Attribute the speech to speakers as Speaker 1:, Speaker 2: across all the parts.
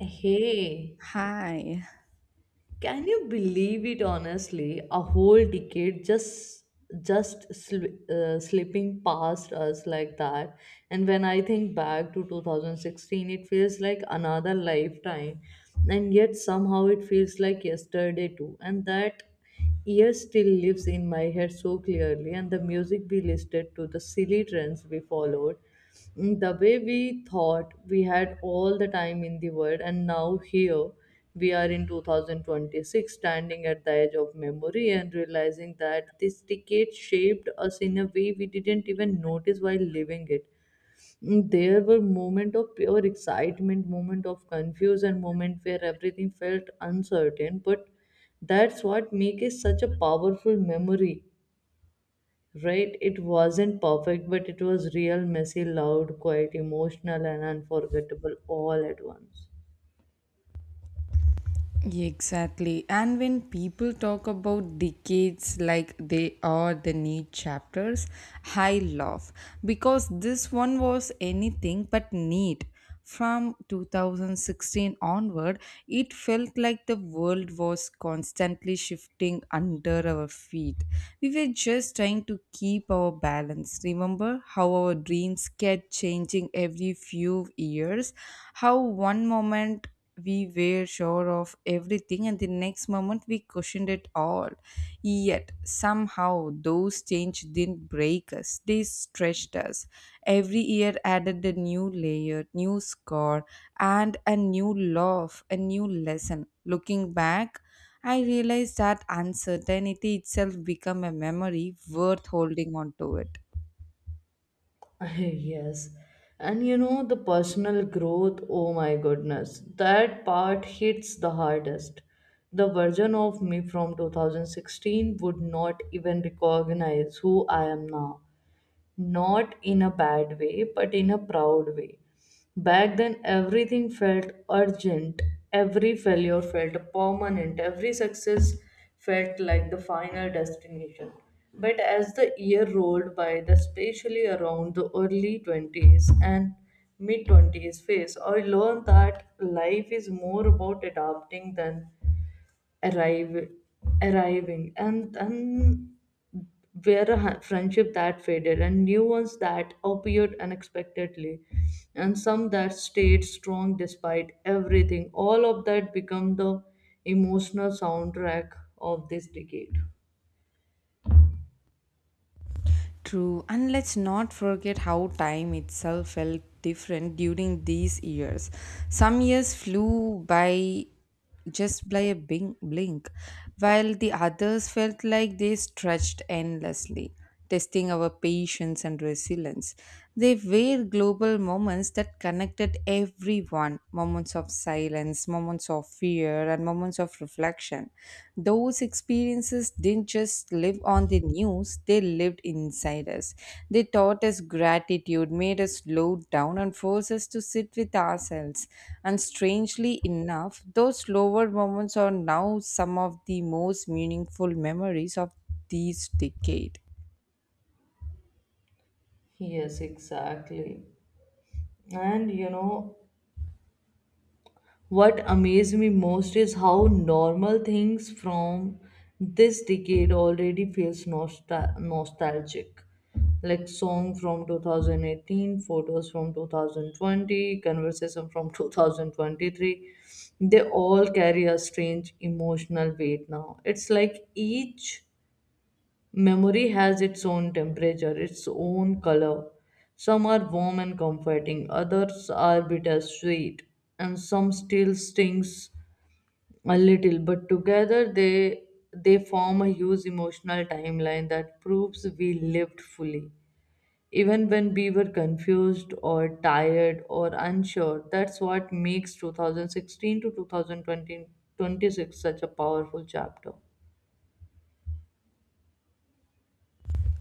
Speaker 1: Hey,
Speaker 2: Hi.
Speaker 1: can you believe it honestly? A whole decade just slipping past us like that. And when I think back to 2016, it feels like another lifetime. And yet somehow it feels like yesterday too. And that year still lives in my head so clearly, and the music we listed to, the silly trends we followed, the way we thought we had all the time in the world, and now here we are in 2026, standing at the edge of memory and realizing that this decade shaped us in a way we didn't even notice while living it. There were moments of pure excitement, moments of confusion, moments where everything felt uncertain. But that's what makes it such a powerful memory, right? It wasn't perfect, but it was real, messy, loud, quite emotional, and unforgettable all at once.
Speaker 2: Exactly. And when people talk about decades like they are the neat chapters, I laugh because this one was anything but neat. From 2016 onward, it felt like the world was constantly shifting under our feet. We were just trying to keep our balance. Remember how our dreams kept changing every few years? How one moment we were sure of everything and the next moment we questioned it all. Yet somehow those changes didn't break us, they stretched us. Every year added a new layer, new score, and a new love, a new lesson. Looking back, I realized that uncertainty itself became a memory worth holding on to it.
Speaker 1: Yes. And you know, the personal growth, oh my goodness, that part hits the hardest. The version of me from 2016 would not even recognize who I am now, not in a bad way, but in a proud way. Back then, everything felt urgent, every failure felt permanent, every success felt like the final destination. But as the year rolled by, especially around the early 20s and mid 20s phase, I learned that life is more about adapting than arrive, arriving, and where a friendship that faded and new ones that appeared unexpectedly, and some that stayed strong despite everything, all of that become the emotional soundtrack of this decade.
Speaker 2: True, and let's not forget how time itself felt different during these years. Some years flew by just by a blink, while the others felt like they stretched endlessly, testing our patience and resilience. They were global moments that connected everyone, moments of silence, moments of fear, and moments of reflection. Those experiences didn't just live on the news, they lived inside us. They taught us gratitude, made us slow down, and forced us to sit with ourselves. And strangely enough, those slower moments are now some of the most meaningful memories of this decade.
Speaker 1: Yes, exactly. And you know, what amazed me most is how normal things from this decade already feels nostalgic. Like song from 2018, photos from 2020, conversation from 2023. They all carry a strange emotional weight now. It's like each memory has its own temperature, its own color. Some are warm and comforting, others are bittersweet, and some still stings a little, but together they form a huge emotional timeline that proves we lived fully. Even when we were confused or tired or unsure, that's what makes 2016 to 2020 26 such a powerful chapter.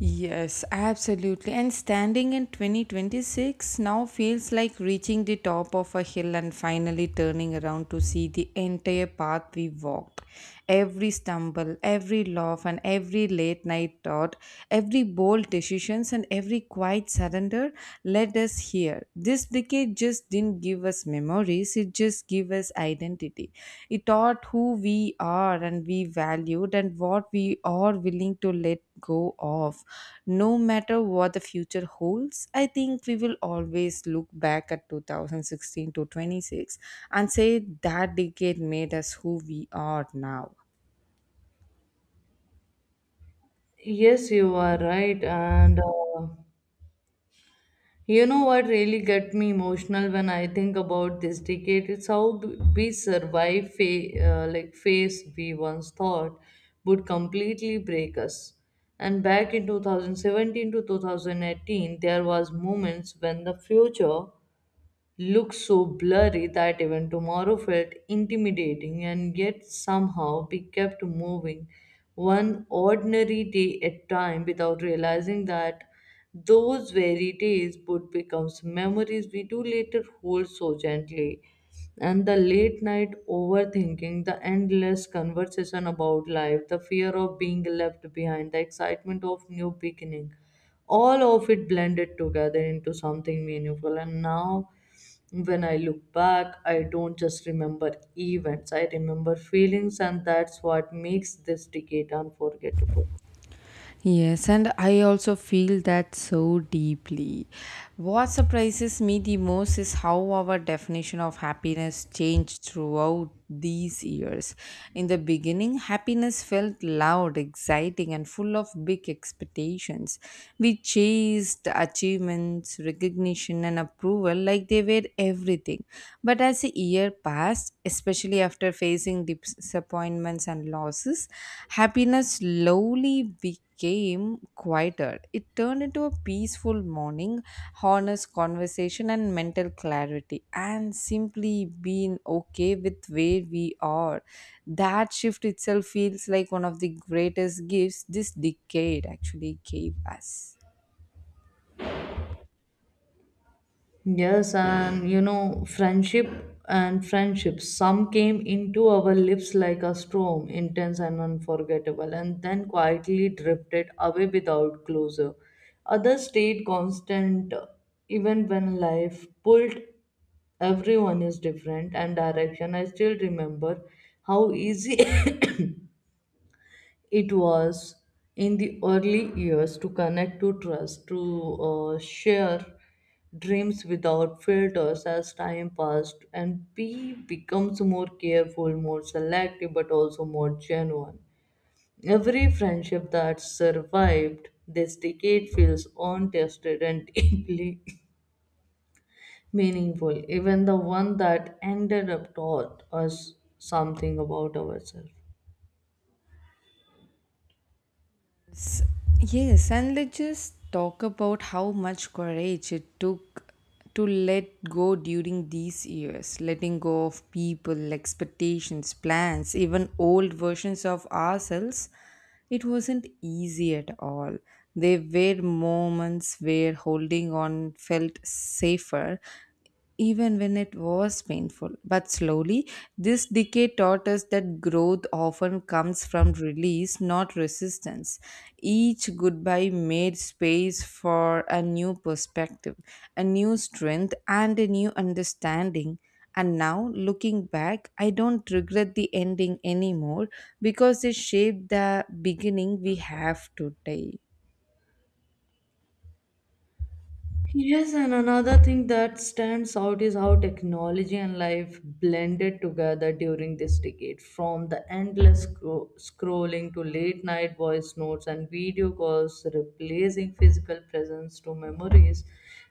Speaker 2: Yes, absolutely. And standing in 2026 now feels like reaching the top of a hill and finally turning around to see the entire path we walked. Every stumble, every laugh, and every late night thought, every bold decisions and every quiet surrender led us here. This decade just didn't give us memories, it just gave us identity. It taught who we are and we valued and what we are willing to let go of. No matter what the future holds, I think we will always look back at 2016 to 26 and say that decade made us who we are now.
Speaker 1: Yes, you are right. And You know what really get me emotional when I think about this decade? It's how we survive like phase we once thought would completely break us. And back in 2017 to 2018, there was moments when the future looked so blurry that even tomorrow felt intimidating, and yet somehow we kept moving one ordinary day at a time without realizing that those very days would become memories we do later hold so gently. And the late night overthinking, the endless conversation about life, the fear of being left behind, the excitement of new beginning, all of it blended together into something meaningful. And now when I look back, I don't just remember events, I remember feelings, and that's what makes this decade unforgettable.
Speaker 2: Yes, and I also feel that so deeply. What surprises me the most is how our definition of happiness changed throughout these years. In the beginning, happiness felt loud, exciting, and full of big expectations. We chased achievements, recognition, and approval like they were everything. But as the year passed, especially after facing disappointments and losses, happiness slowly weakened became quieter. It turned into a peaceful morning, honest conversation, and mental clarity, and simply being okay with where we are. That shift itself feels like one of the greatest gifts this decade actually gave us.
Speaker 1: Yes, and you know, friendships. Some came into our lives like a storm, intense and unforgettable, and then quietly drifted away without closure. Others stayed constant, even when life pulled. Everyone is different and direction. I still remember how easy it was in the early years to connect, to trust, to share dreams without filters. As time passed, and we becomes more careful, more selective, but also more genuine. Every friendship that survived this decade feels untested and deeply meaningful, even the one that ended up taught us something about ourselves.
Speaker 2: Yes, and let's just talk about how much courage it took to let go during these years, letting go of people, expectations, plans, even old versions of ourselves. It wasn't easy at all. There were moments where holding on felt safer even when it was painful. But slowly, this decay taught us that growth often comes from release, not resistance. Each goodbye made space for a new perspective, a new strength, and a new understanding. And now, looking back, I don't regret the ending anymore because it shaped the beginning we have today.
Speaker 1: Yes, and another thing that stands out is how technology and life blended together during this decade. From the endless scrolling to late night voice notes and video calls, replacing physical presence to memories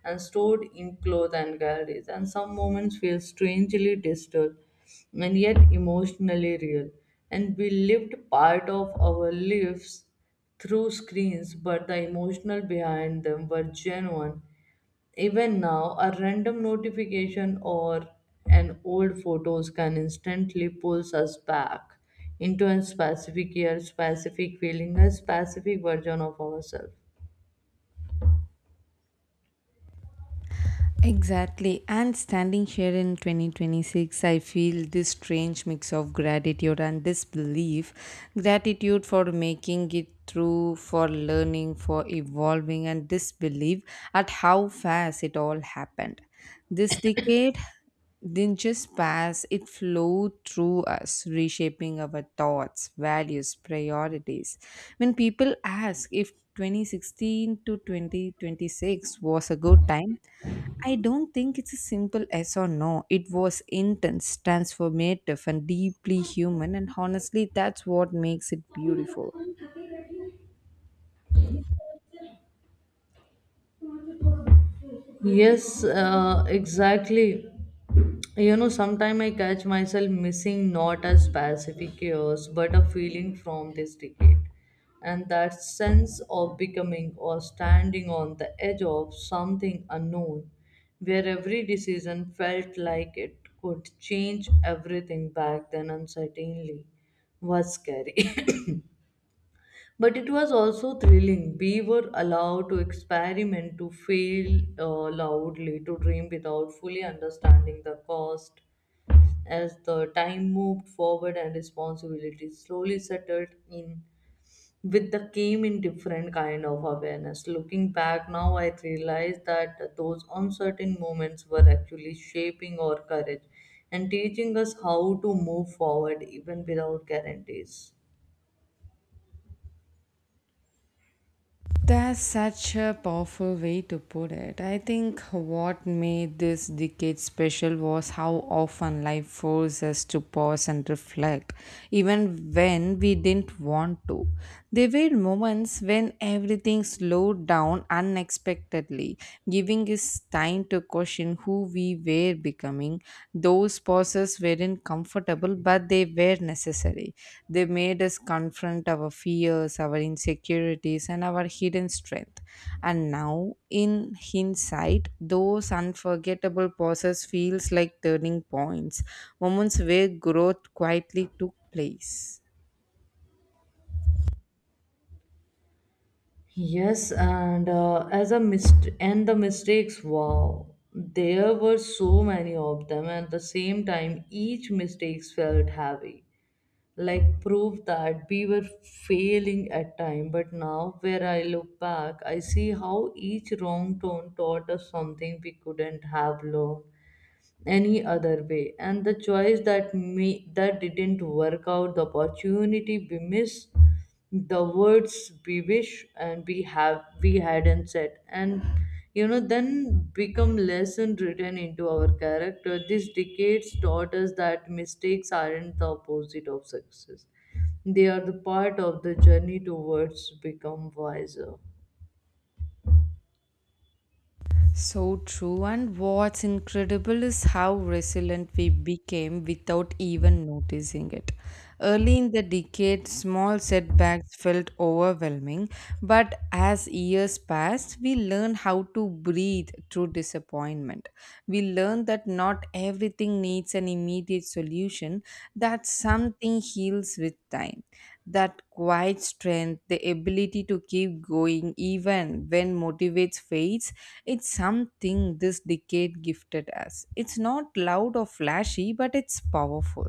Speaker 1: and stored in cloth and galleries. And some moments feel strangely digital and yet emotionally real. And we lived part of our lives through screens, but the emotional behind them were genuine. Even now, a random notification or an old photos can instantly pulls us back into a specific year, specific feeling, a specific version of ourselves.
Speaker 2: Exactly. And standing here in 2026, I feel this strange mix of gratitude and disbelief. Gratitude for making it through, for learning, for evolving, and disbelief at how fast it all happened. This decade didn't just pass, it flowed through us, reshaping our thoughts, values, priorities. When people ask if 2016 to 2026 was a good time, I don't think it's a simple yes or no. It was intense, transformative, and deeply human, and honestly, that's what makes it beautiful.
Speaker 1: Yes, exactly. You know, sometimes I catch myself missing not a specific year's, but a feeling from this decade. And that sense of becoming or standing on the edge of something unknown, where every decision felt like it could change everything. Back then uncertainly was scary. But it was also thrilling. We were allowed to experiment, to fail loudly, to dream without fully understanding the cost. As the time moved forward and responsibilities slowly settled in, with the came in different kind of awareness. Looking back now, I realize that those uncertain moments were actually shaping our courage and teaching us how to move forward even without guarantees.
Speaker 2: That's such a powerful way to put it. I think what made this decade special was how often life forced us to pause and reflect, even when we didn't want to. There were moments when everything slowed down unexpectedly, giving us time to question who we were becoming. Those pauses weren't comfortable, but they were necessary. They made us confront our fears, our insecurities, and our hidden strength. And now, in hindsight, those unforgettable pauses feels like turning points, moments where growth quietly took place.
Speaker 1: Yes, and As a mist and the mistakes, wow, there were so many of them, and at the same time, each mistakes felt heavy. Like prove that we were failing at time, but now where I look back, I see how each wrong turn taught us something we couldn't have learned any other way. And the choice that me that didn't work out, the opportunity we miss, the words we wish and we have we hadn't said, and you know, then become lesson written into our character. These decades taught us that mistakes aren't the opposite of success, they are the part of the journey towards become wiser.
Speaker 2: So true. And what's incredible is how resilient we became without even noticing it. Early in the decade, small setbacks felt overwhelming, but as years passed, we learned how to breathe through disappointment. We learned that not everything needs an immediate solution, that something heals with time. That quiet strength, the ability to keep going even when motivates fades, it's something this decade gifted us. It's not loud or flashy, but it's powerful.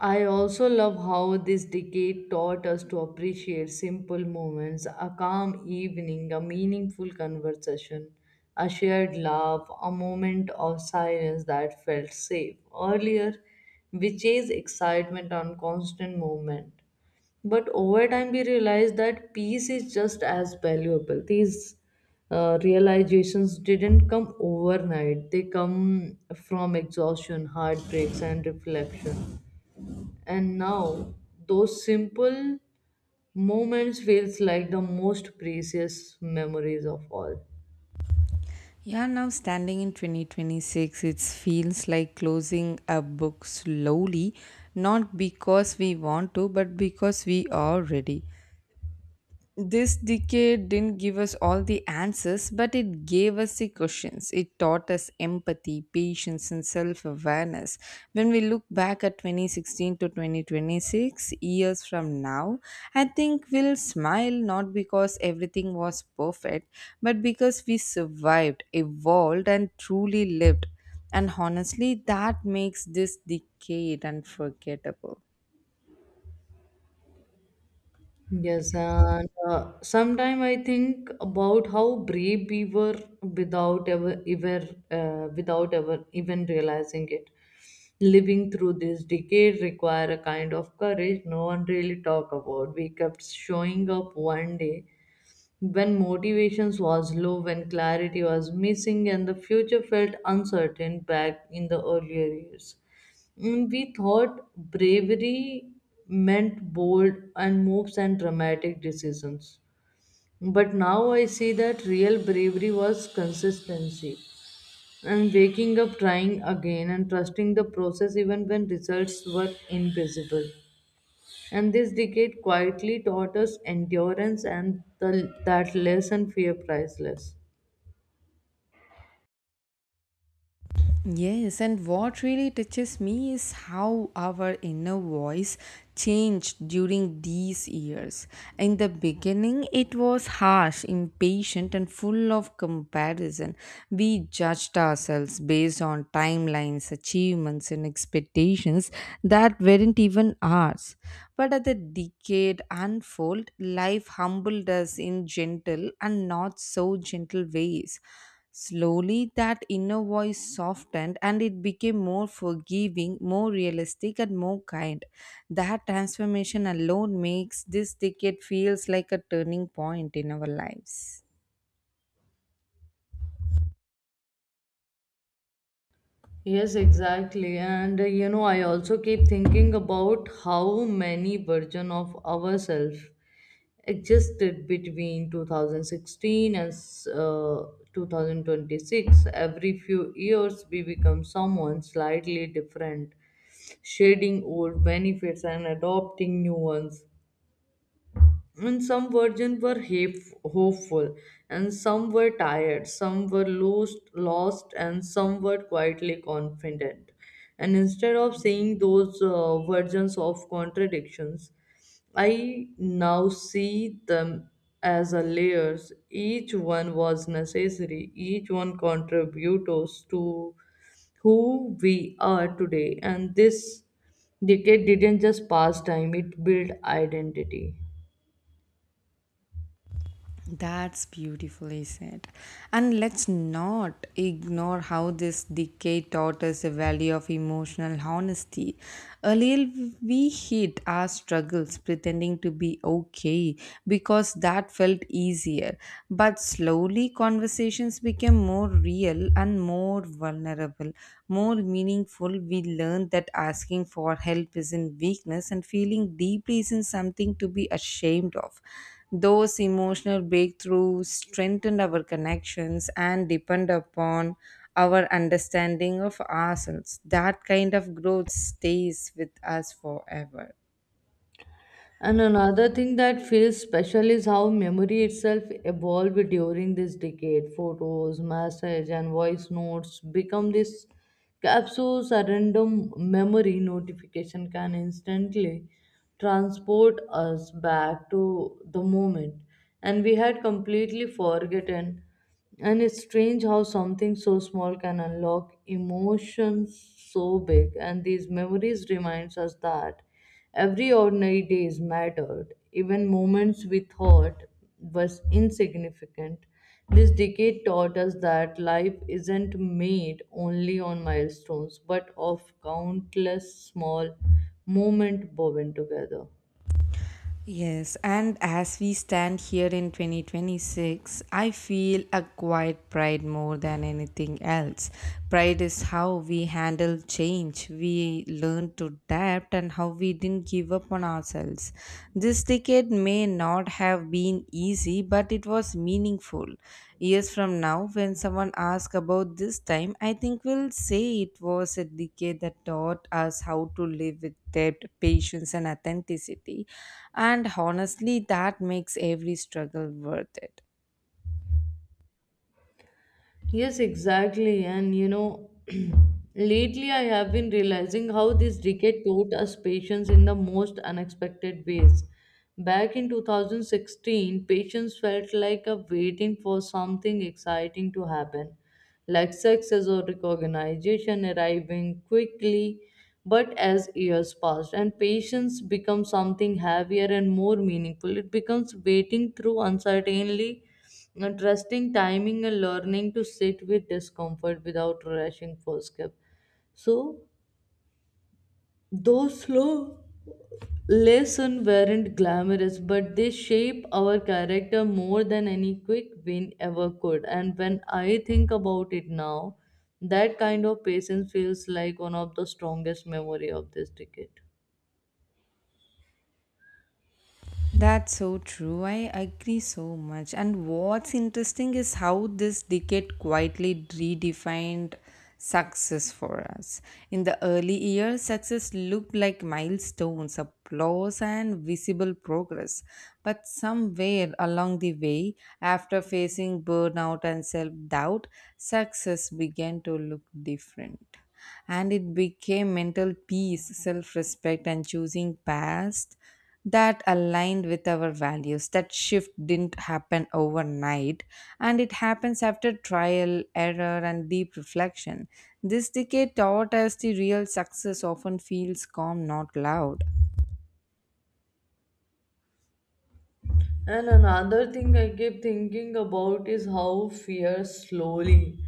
Speaker 1: I also love how this decade taught us to appreciate simple moments: a calm evening, a meaningful conversation, a shared laugh, a moment of silence that felt safe. Earlier, we chased excitement on constant movement, but over time, we realize that peace is just as valuable. These realizations didn't come overnight, they come from exhaustion, heartbreaks, and reflection. And now, those simple moments feels like the most precious memories of all.
Speaker 2: Yeah, now standing in 2026, it feels like closing a book slowly, not because we want to, but because we are ready. This decade didn't give us all the answers, but it gave us the questions. It taught us empathy, patience, and self awareness. When we look back at 2016 to 2026, years from now, I think we'll smile not because everything was perfect, but because we survived, evolved, and truly lived. And honestly, that makes this decade unforgettable.
Speaker 1: Yes, and Sometime I think about how brave we were without ever even realizing it. Living through this decade require a kind of courage no one really talk about. We kept showing up one day when motivations was low, when clarity was missing and the future felt uncertain. Back in the earlier years, we thought bravery meant bold and moves and dramatic decisions, but now I see that real bravery was consistency, and waking up trying again and trusting the process even when results were invisible. And this decade quietly taught us endurance and the, that less and fear priceless.
Speaker 2: Yes, and what really touches me is how our inner voice changed during these years. In the beginning, it was harsh, impatient, and full of comparison. We judged ourselves based on timelines, achievements, and expectations that weren't even ours. But as the decade unfolded, life humbled us in gentle and not so gentle ways. Slowly, that inner voice softened and it became more forgiving, more realistic, and more kind. That transformation alone makes this decade feels like a turning point in our lives.
Speaker 1: Yes, exactly. And You know, I also keep thinking about how many version of ourselves existed between 2016 and uh, 2026. Every few years we become someone slightly different, shedding old benefits and adopting new ones, and some virgins were hopeful, and some were tired, some were lost, and some were quietly confident. And instead of seeing those versions of contradictions, I now see them as a layers. Each one was necessary. Each one contributors to who we are today. And this decade didn't just pass time; it built identity.
Speaker 2: That's beautifully said. And let's not ignore how this decade taught us the value of emotional honesty. Earlier, we hid our struggles pretending to be okay because that felt easier. But slowly, conversations became more real and more vulnerable, more meaningful. We learned that asking for help isn't weakness and feeling deeply isn't something to be ashamed of. Those emotional breakthroughs strengthened our connections and depend upon our understanding of ourselves. That kind of growth stays with us forever.
Speaker 1: And another thing that feels special is how memory itself evolved during this decade. Photos, messages, and voice notes become this capsules. A random memory notification can instantly transport us back to the moment. And we had completely forgotten. And it's strange how something so small can unlock emotions so big. And these memories reminds us that every ordinary days mattered. Even moments we thought was insignificant. This decade taught us that life isn't made only on milestones, but of countless small moments woven together.
Speaker 2: Yes, and as we stand here in 2026, I feel a quiet pride more than anything else. Pride is how we handle change, we learn to adapt, and how we didn't give up on ourselves. This decade may not have been easy, but it was meaningful. Years from now, when someone asks about this time, I think we'll say it was a decade that taught us how to live with depth, patience, and authenticity. And honestly, that makes every struggle worth it.
Speaker 1: Yes, exactly. And you know, lately I have been realizing how this decade taught us patience in the most unexpected ways. Back in 2016, patience felt like a waiting for something exciting to happen, like success or recognition arriving quickly. But as years passed and patience becomes something heavier and more meaningful, it becomes waiting through uncertainly and trusting timing and learning to sit with discomfort without rushing for escape. So those slow lessons weren't glamorous, but they shape our character more than any quick win ever could. And when I think about it now, that kind of patience feels like one of the strongest memory of this decade.
Speaker 2: That's so true. I agree so much. And what's interesting is how this decade quietly redefined success for us. In the early years, success looked like milestones, applause, and visible progress. But somewhere along the way, after facing burnout and self doubt, success began to look different and it became mental peace, self respect, and choosing paths that aligned with our values. That shift didn't happen overnight, and it happens after trial, error, and deep reflection. This decade taught us the real success often feels calm, not loud.
Speaker 1: And another thing I keep thinking about is how fear slowly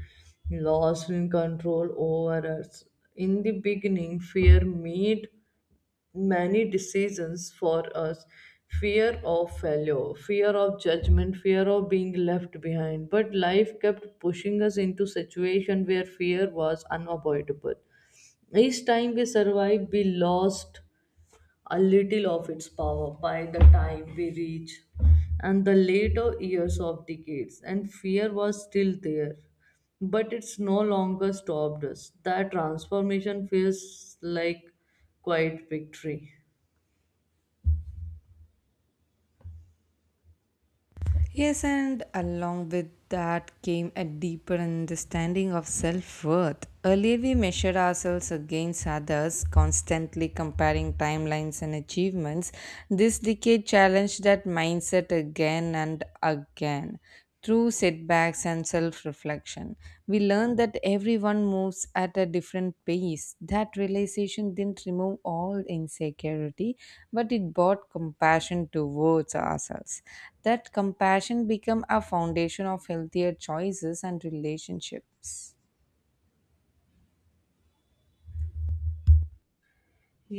Speaker 1: lost in control over us. In the beginning, fear made many decisions for us: fear of failure, fear of judgment, fear of being left behind. But life kept pushing us into situations where fear was unavoidable. Each time we survived, we lost a little of its power. By the time we reach and the later years of decades, and fear was still there but it's no longer stopped us. That transformation feels like quite victory.
Speaker 2: Yes, and along with that came a deeper understanding of self worth. Earlier, we measured ourselves against others, constantly comparing timelines and achievements. This decade challenged that mindset again and again. Through setbacks and self reflection, we learn that everyone moves at a different pace. That realization didn't remove all insecurity, but it brought compassion towards ourselves. That compassion became a foundation of healthier choices and relationships.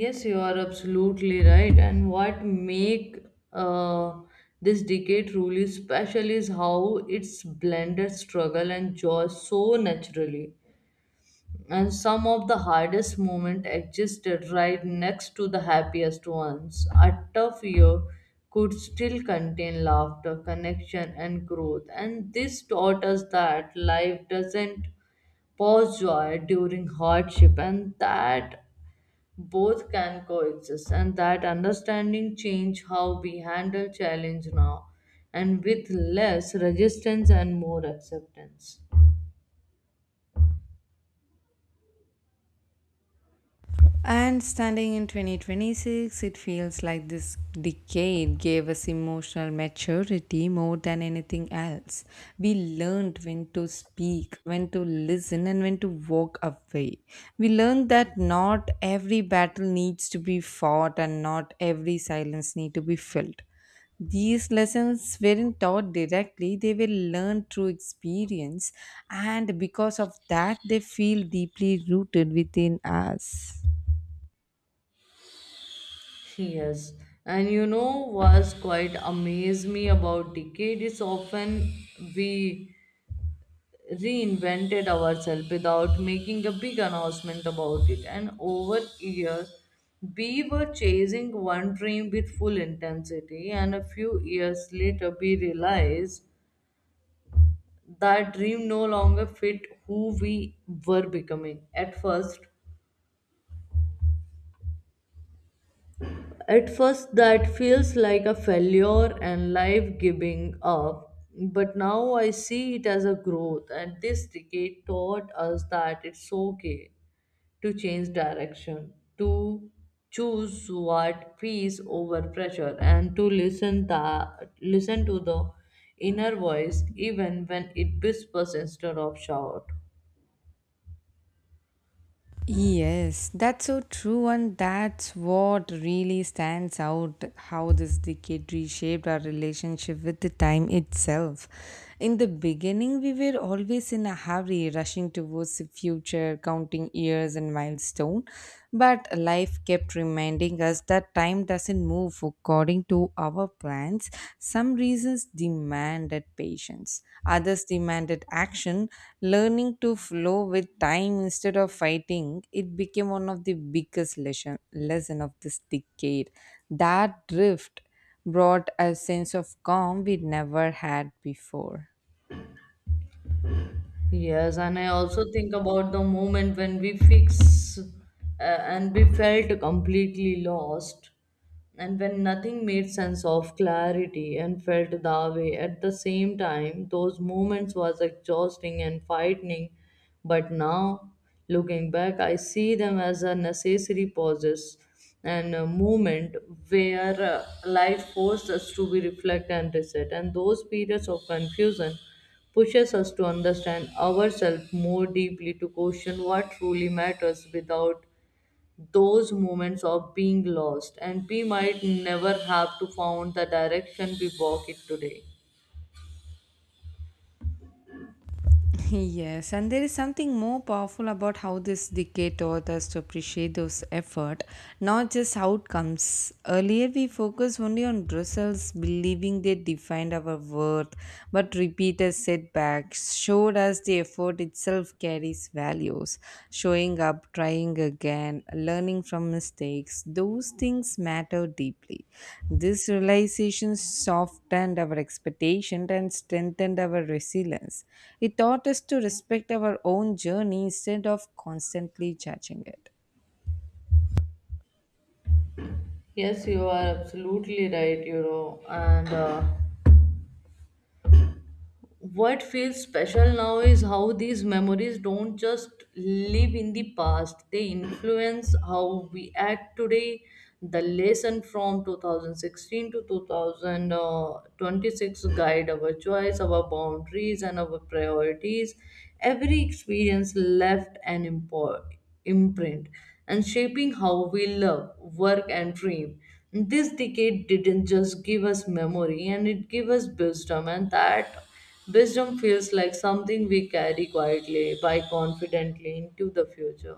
Speaker 1: Yes, you are absolutely right. And what make, uh, this decade truly special is how it's blended struggle and joy so naturally, and some of the hardest moments existed right next to the happiest ones. A tough year could still contain laughter, connection, and growth. And this taught us that life doesn't pause joy during hardship, and that both can coexist. And that understanding changed how we handle challenge now, and with less resistance and more acceptance.
Speaker 2: And standing in 2026, it feels like this decade gave us emotional maturity more than anything else. We learned when to speak, when to listen, and when to walk away. We learned that not every battle needs to be fought and not every silence need to be filled. These lessons weren't taught directly, they were learned through experience, and because of that, they feel deeply rooted within us.
Speaker 1: Yes, and you know what's quite amazed me about decade is often we reinvented ourselves without making a big announcement about it. And over years, we were chasing one dream with full intensity, and a few years later, we realized that dream no longer fit who we were becoming. At first, that feels like a failure and life giving up, but now I see it as a growth, and this decade taught us that it's okay to change direction, to choose what peace over pressure, and to listen, that, listen to the inner voice even when it whispers instead of shout.
Speaker 2: Yes, that's so true, and that's what really stands out how this decade reshaped our relationship with the time itself. In the beginning, we were always in a hurry, rushing towards the future, counting years and milestone. But life kept reminding us that time doesn't move according to our plans. Some reasons demanded patience, others demanded action. Learning to flow with time instead of fighting, it became one of the biggest lesson of this decade. That drift brought a sense of calm we never had before.
Speaker 1: Yes, and I also think about the moment when we fix and we felt completely lost, and when nothing made sense of clarity and felt that way at the same time. Those moments was exhausting and frightening, but now looking back, I see them as a necessary pauses and a moment where life forced us to be reflect and reset, and those periods of confusion pushes us to understand ourselves more deeply, to question what truly matters without those moments of being lost. And we might never have to found the direction we walk it today.
Speaker 2: Yes, and there is something more powerful about how this decade taught us to appreciate those effort, not just outcomes. Earlier, we focused only on results, believing they defined our worth, but repeated setbacks showed us the effort itself carries values showing up, trying again, learning from mistakes. Those things matter deeply. This realization softened our expectation and strengthened our resilience. It taught us to respect our own journey instead of constantly judging it.
Speaker 1: Yes, you are absolutely right, you know, and. What feels special now is how these memories don't just live in the past, they influence how we act today. The lesson from 2016 to 2026 guide our choice, our boundaries, and our priorities. Every experience left an imprint and shaping how we love, work, and dream. This decade didn't just give us memory, and it gave us wisdom, and that wisdom feels like something we carry quietly, by confidently into the future.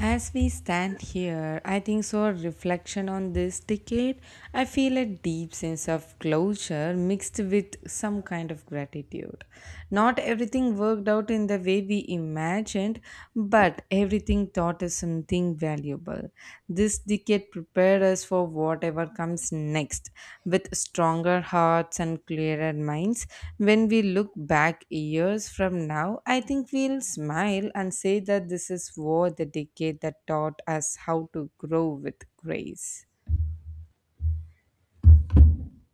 Speaker 2: As we stand here, I think so. Reflection on this decade, I feel a deep sense of closure mixed with some kind of gratitude. Not everything worked out in the way we imagined, but everything taught us something valuable. This decade prepared us for whatever comes next with stronger hearts and clearer minds. When we look back years from now, I think we'll smile and say that this is what the decade that taught us how to grow with grace.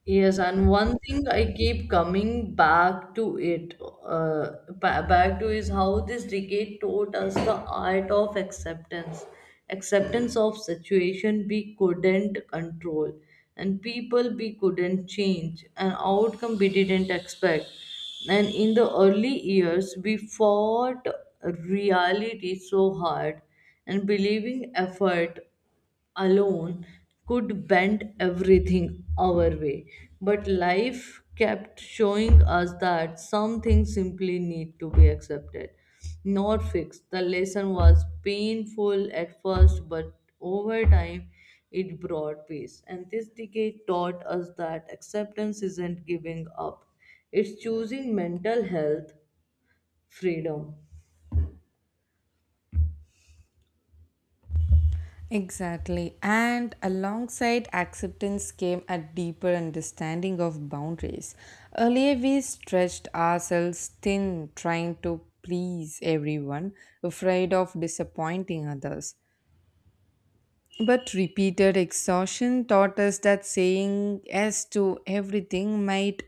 Speaker 1: Yes, and one thing I keep coming back to it, uh, back to is how this decade taught us the art of acceptance, acceptance of situation we couldn't control, and people we couldn't change, an outcome we didn't expect. And in the early years, we fought reality so hard and believing effort alone could bend everything our way. But life kept showing us that some things simply need to be accepted, not fixed. The lesson was painful at first, but over time it brought peace. And this decade taught us that acceptance isn't giving up, it's choosing mental health freedom.
Speaker 2: Exactly. And alongside acceptance came a deeper understanding of boundaries. Earlier, we stretched ourselves thin, trying to please everyone, afraid of disappointing others. But repeated exhaustion taught us that saying yes to everything might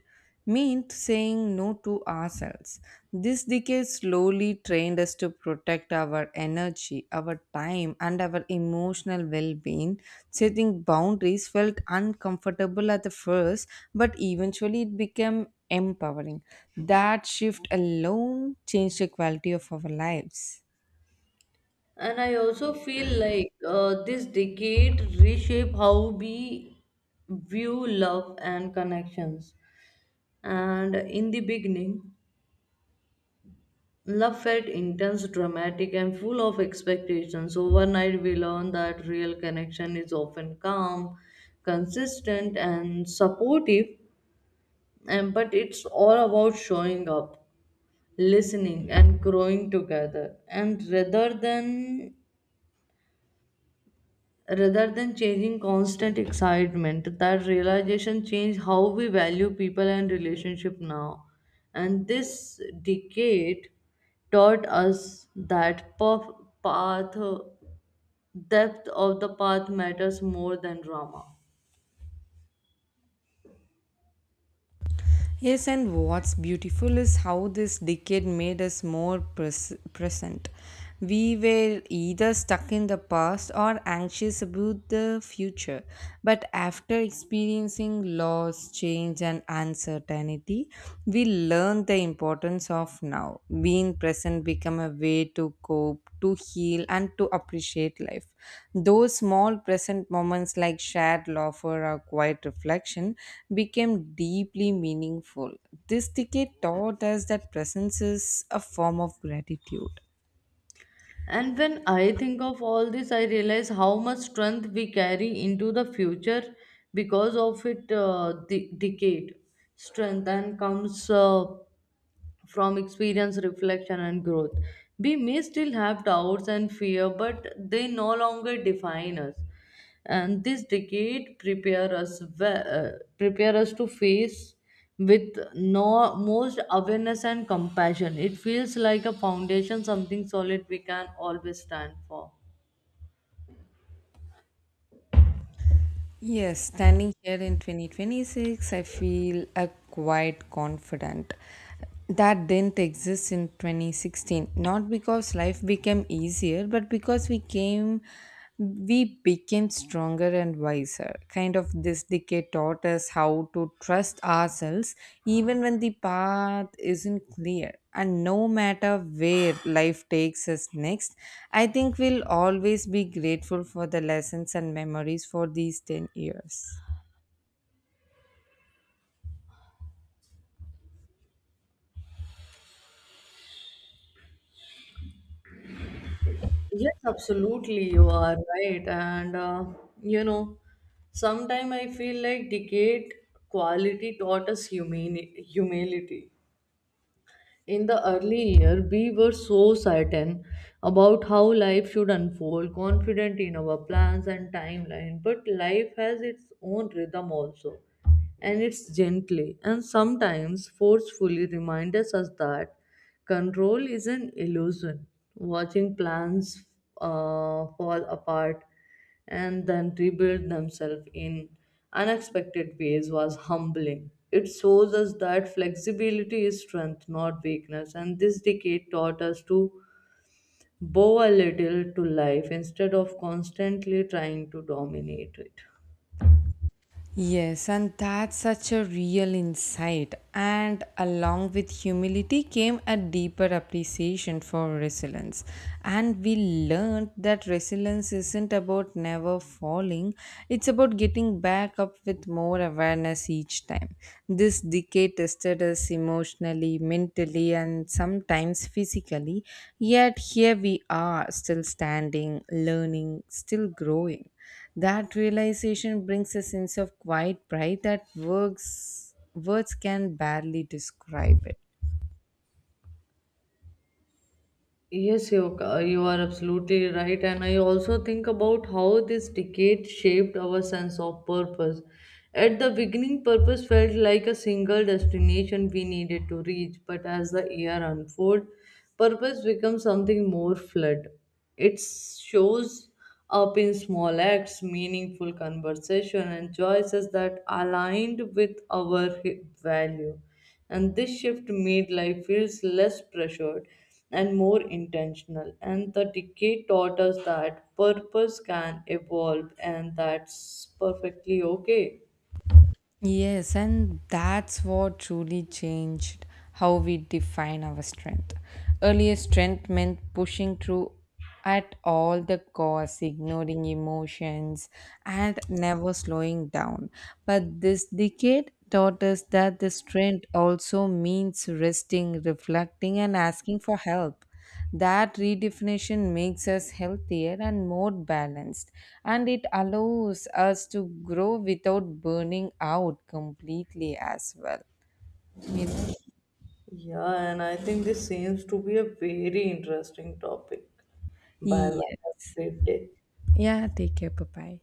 Speaker 2: mean saying no to ourselves. This decade slowly trained us to protect our energy, our time, and our emotional well being. Setting boundaries felt uncomfortable at the first, but eventually it became empowering. That shift alone changed the quality of our lives.
Speaker 1: And I also feel like this decade reshape how we view love and connections. And in the beginning, love felt intense, dramatic, and full of expectations. Overnight, we learn that real connection is often calm, consistent, and supportive. And but it's all about showing up, listening, and growing together. And rather than changing constant excitement, that realization changed how we value people and relationship now, and this decade taught us that path, path depth of the path matters more than drama.
Speaker 2: Yes, and what's beautiful is how this decade made us more present. We were either stuck in the past or anxious about the future. But after experiencing loss, change, and uncertainty, we learned the importance sense of now. Being present become a way to cope, to heal and to appreciate life. Those small present moments like shared laughter or quiet reflection became deeply meaningful. This decade taught us that presence is a form of gratitude.
Speaker 1: And when I think of all this, I realize how much strength we carry into the future because of it. The decade strength and comes from experience, reflection, and growth. We may still have doubts and fear, but they no longer define us. And this decade prepare us, we- uh, prepare us to face with no most awareness and compassion. It feels like a foundation, something solid we can always stand for.
Speaker 2: Yes, standing here in 2026, I feel a quite confident. That didn't exist in 2016. Not because life became easier, but because we became stronger and wiser. Kind of this decade taught us how to trust ourselves even when the path isn't clear. And no matter where life takes us next, I think we'll always be grateful for the lessons and memories for these 10 years.
Speaker 1: Yes, absolutely, you are right. And you know, sometimes I feel like decade quality taught us humility. In the early year we were so certain about how life should unfold, confident in our plans and timeline, but life has its own rhythm also, and it's gently and sometimes forcefully reminds us that control is an illusion. Watching plans fall apart and then rebuild themselves in unexpected ways was humbling. It shows us that flexibility is strength, not weakness, and this decade taught us to bow a little to life instead of constantly trying to dominate it.
Speaker 2: Yes, and that's such a real insight. And along with humility came a deeper appreciation for resilience. And we learned that resilience isn't about never falling, it's about getting back up with more awareness each time. This decade tested us emotionally, mentally, and sometimes physically. Yet here we are, still standing, learning, still growing. That realization brings a sense of quiet pride that words can barely describe it.
Speaker 1: Yes, you are absolutely right. And I also think about how this decade shaped our sense of purpose. At the beginning, purpose felt like a single destination we needed to reach, but as the year unfolds, purpose becomes something more fluid. It shows up in small acts, meaningful conversation, and choices that aligned with our value, and this shift made life feels less pressured and more intentional, and the decade taught us that purpose can evolve, and that's perfectly okay.
Speaker 2: Yes, and that's what truly changed how we define our strength. Earlier, strength meant pushing through at all the costs, ignoring emotions, and never slowing down. But this decade taught us that the strength also means resting, reflecting, and asking for help. That redefinition makes us healthier and more balanced, and it allows us to grow without burning out completely as well. You know?
Speaker 1: Yeah, and I think this seems to be a very interesting topic. Bye bye,
Speaker 2: Yeah.
Speaker 1: have a great day.
Speaker 2: Yeah, take care. Bye bye.